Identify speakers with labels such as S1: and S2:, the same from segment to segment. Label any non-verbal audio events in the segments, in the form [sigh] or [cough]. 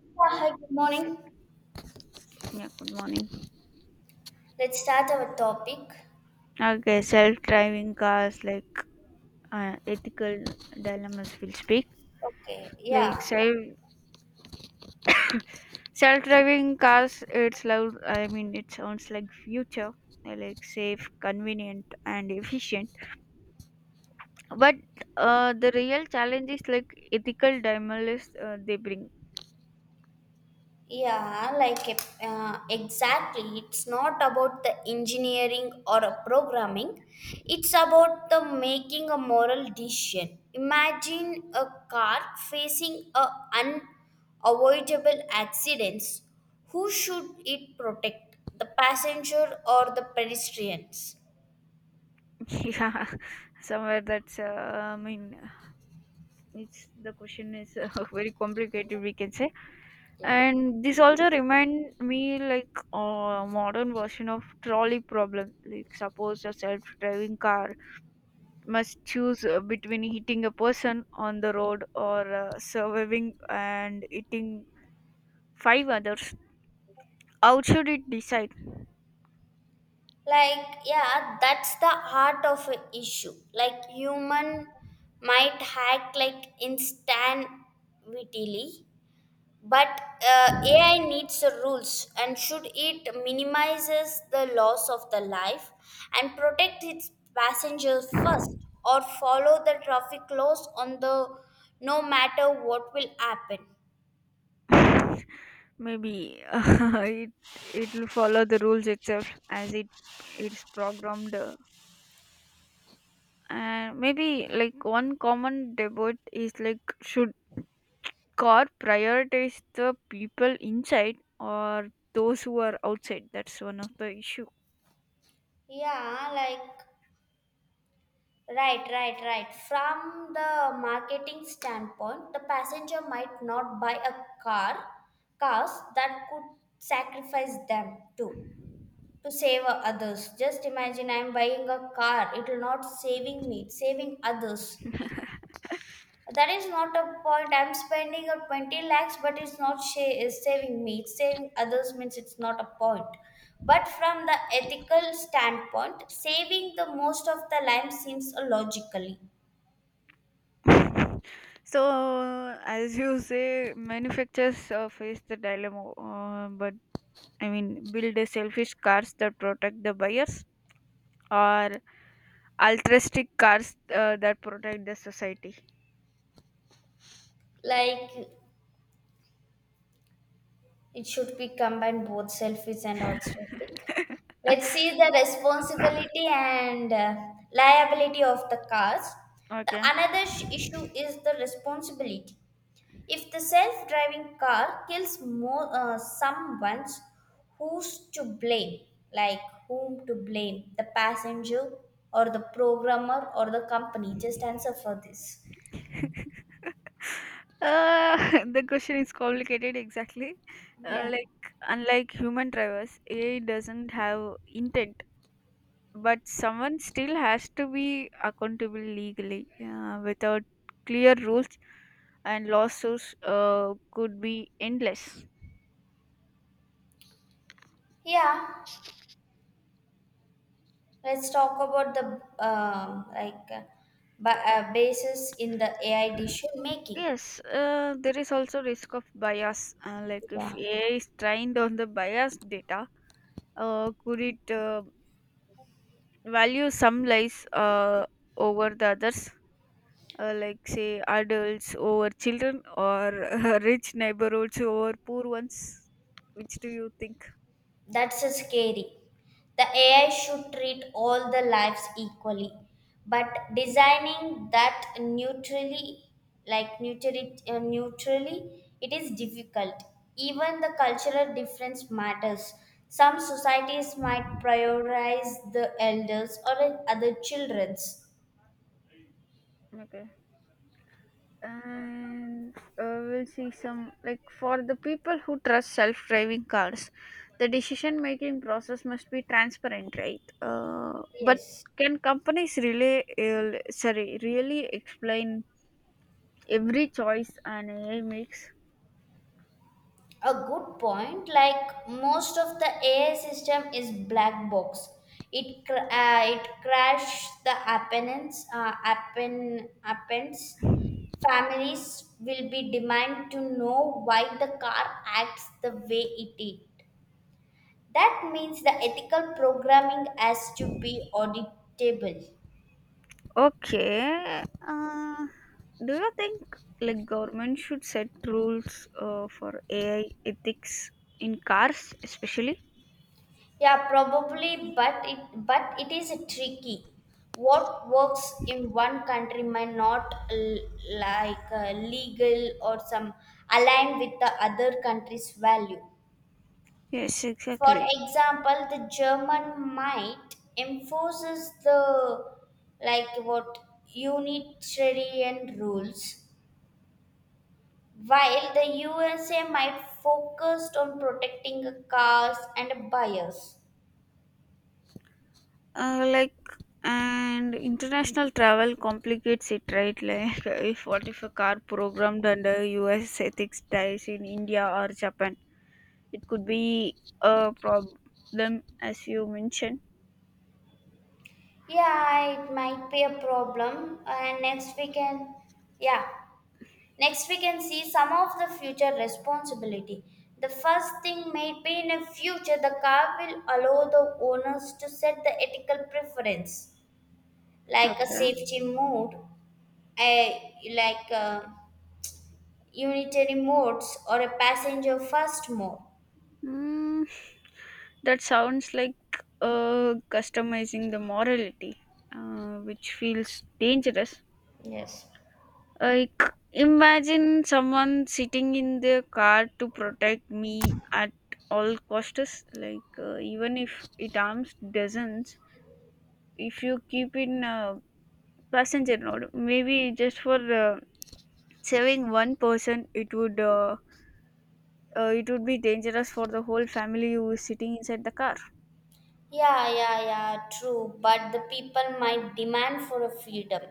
S1: Yeah, hi, good morning.
S2: Yeah, good morning.
S1: Let's start our topic.
S2: Okay, self-driving cars like ethical dilemmas will speak.
S1: Okay,
S2: Like
S1: yeah,
S2: self self-driving cars, it's loud. I mean, it sounds like future, like safe, convenient, and efficient. But the real challenge is like ethical dilemmas they bring.
S1: yeah, like exactly. It's not about the engineering or a programming, it's about the making a moral decision. Imagine a car facing a unavoidable accidents. Who should it protect? The passenger or the pedestrians?
S2: [laughs] Yeah, somewhere that's. I mean, it's the question is [laughs] very complicated, we can say.
S1: Yeah.
S2: And this also remind me like a modern version of trolley problem. Like suppose a self-driving car must choose between hitting a person on the road or surviving and hitting five others. How should it decide?
S1: Like yeah, that's the heart of a issue. Like human might hack like instantaneously, but AI needs rules. And should it minimizes the loss of the life and protect its passengers first, or follow the traffic laws on the, no matter what will happen.
S2: [laughs] Maybe [laughs] it will follow the rules itself as it's programmed. And maybe like one common debate is like should car prioritize the people inside or those who are outside, that's one of the issue.
S1: yeah like Right, right, right. From the marketing standpoint, the passenger might not buy a car, cars that could sacrifice them too to save others. Just imagine I'm buying a car, it will not saving me, saving others. That is not a point. I'm spending a 20 lakhs, but it's not is saving me. It's saving others means it's not a point. But from the ethical standpoint, saving the most of the life seems illogically.
S2: [laughs] So as you say, manufacturers face the dilemma, but I mean, build a selfish cars that protect the buyers or altruistic cars that protect the society.
S1: Like it should be combined, both selfish and altruistic. Let's see the responsibility
S2: [laughs]
S1: and liability of the cars. The
S2: Okay.
S1: another issue is the responsibility. If the self-driving car kills more someone's, who's to blame? Like whom to blame, the passenger or the programmer or the company? Just answer for this.
S2: [laughs] The question is complicated exactly.
S1: yeah
S2: Like, unlike human drivers, AI doesn't have intent, but someone still has to be accountable legally. Without clear rules, and lawsuits could be endless.
S1: yeah Let's talk about the um like uh, basis in the AI decision making.
S2: Yes, there is also risk of bias. Like,
S1: Yeah.
S2: if AI is trained on the biased data, could it value some lives over the others, like say adults over children or [laughs] rich neighborhoods over poor ones, which do you think?
S1: That's a scary. The AI should treat all the lives equally, but designing that neutrally, neutrally, it is difficult. Even the cultural difference matters. Some societies might prioritize the elders or other childrens.
S2: Okay. And we'll see some, like, for the people who trust self-driving cars, the decision making process must be transparent, right? But
S1: Yes.
S2: can companies really sorry, really explain every choice an AI makes?
S1: A good point. Like most of the AI system is black box. It it crashes the appendants, appends. Families will be demand to know why the car acts the way it did. That means the ethical programming has to be auditable.
S2: Okay. Do you think like government should set rules for AI ethics in cars, especially?
S1: Yeah, probably, but it is tricky. What works in one country might not legal, or some align with the other country's value.
S2: Yes,
S1: For
S2: exactly.
S1: example, the German might enforces the, like what, unitarian rules, while the USA might focused on protecting a cars and buyers.
S2: Like, and international travel complicates it, right? [laughs] Like if what if a car programmed under US ethics dies in India or Japan, it could be a problem, as you mentioned.
S1: Yeah, it might be a problem. And next we can, yeah, next we can see some of the future responsibility. The first thing might be in a future the car will allow the owners to set the ethical preference, like a
S2: Okay.
S1: safety mode, a like a unitary modes or a passenger first mode.
S2: Mm, that sounds like customizing the morality, which feels dangerous.
S1: Yes.
S2: Like, imagine someone sitting in their car to protect me at all costs. Like, even if it harms dozens, if you keep in passenger mode, maybe just for saving one person, it would. It would be dangerous for the whole family who is sitting inside the car.
S1: Yeah, yeah, yeah, true. But the people might demand for a freedom,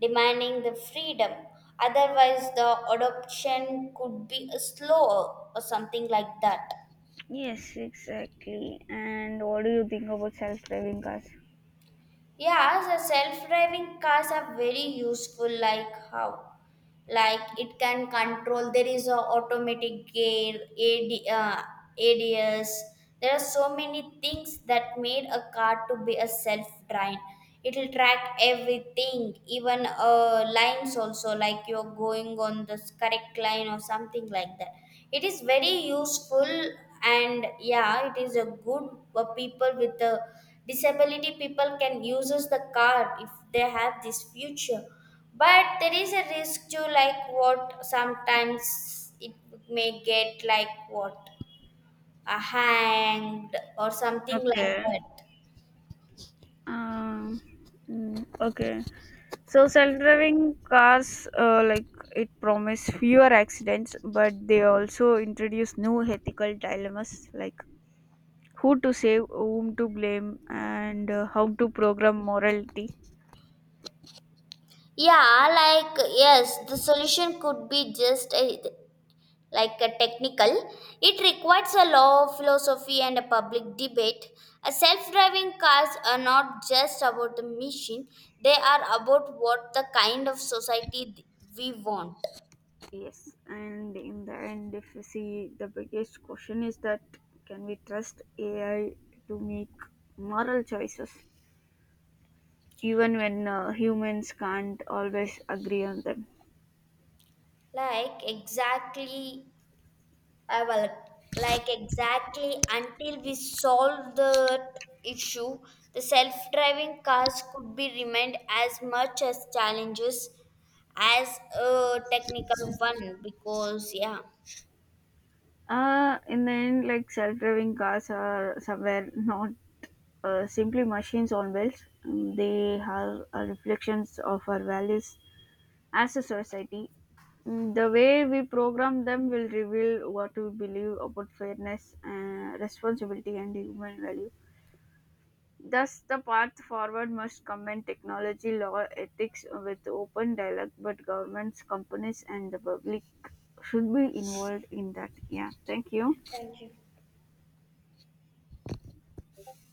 S1: demanding the freedom. Otherwise, the adoption could be slower or something like that.
S2: Yes, exactly. And what do you think about self-driving cars?
S1: Yeah, the self-driving cars are very useful. Like how, like it can control. There is a automatic gear, AD, ADS. There are so many things that made a car to be a self-drive. It will track everything, even lines also. Like you're going on the correct line or something like that. It is very useful. And yeah, it is a good, people with the disability people can uses the card if they have this future. But there is a risk to, like what, sometimes it may get, like what, hanged or something like
S2: Okay.
S1: that.
S2: Um, mm, okay. So self-driving cars, like, it promise fewer accidents, but they also introduce new ethical dilemmas, like who to save, whom to blame, and how to program morality.
S1: Yeah, yes, the solution could be just a, like, a technical. It requires a law of philosophy and a public debate. A self-driving cars are not just about the machine, they are about what the kind of society we want.
S2: Yes, and in the end, if you see, the biggest question is that can we trust AI to make moral choices? Even when humans can't always agree on them.
S1: Like exactly I will like Exactly, until we solve that issue, the self-driving cars could be remained as much as challenges as a technical one. Because yeah.
S2: In the end, like, self driving cars are somewhere not simply machines on wheels. Mm, they have reflections of our values as a society. Mm, the way we program them will reveal what we believe about fairness, responsibility, and human values. Thus, the path forward must combine technology, law, ethics with open dialogue, but governments, companies, and the public should be involved in that. Yeah, thank
S1: Yeah,
S2: you.
S1: thank you.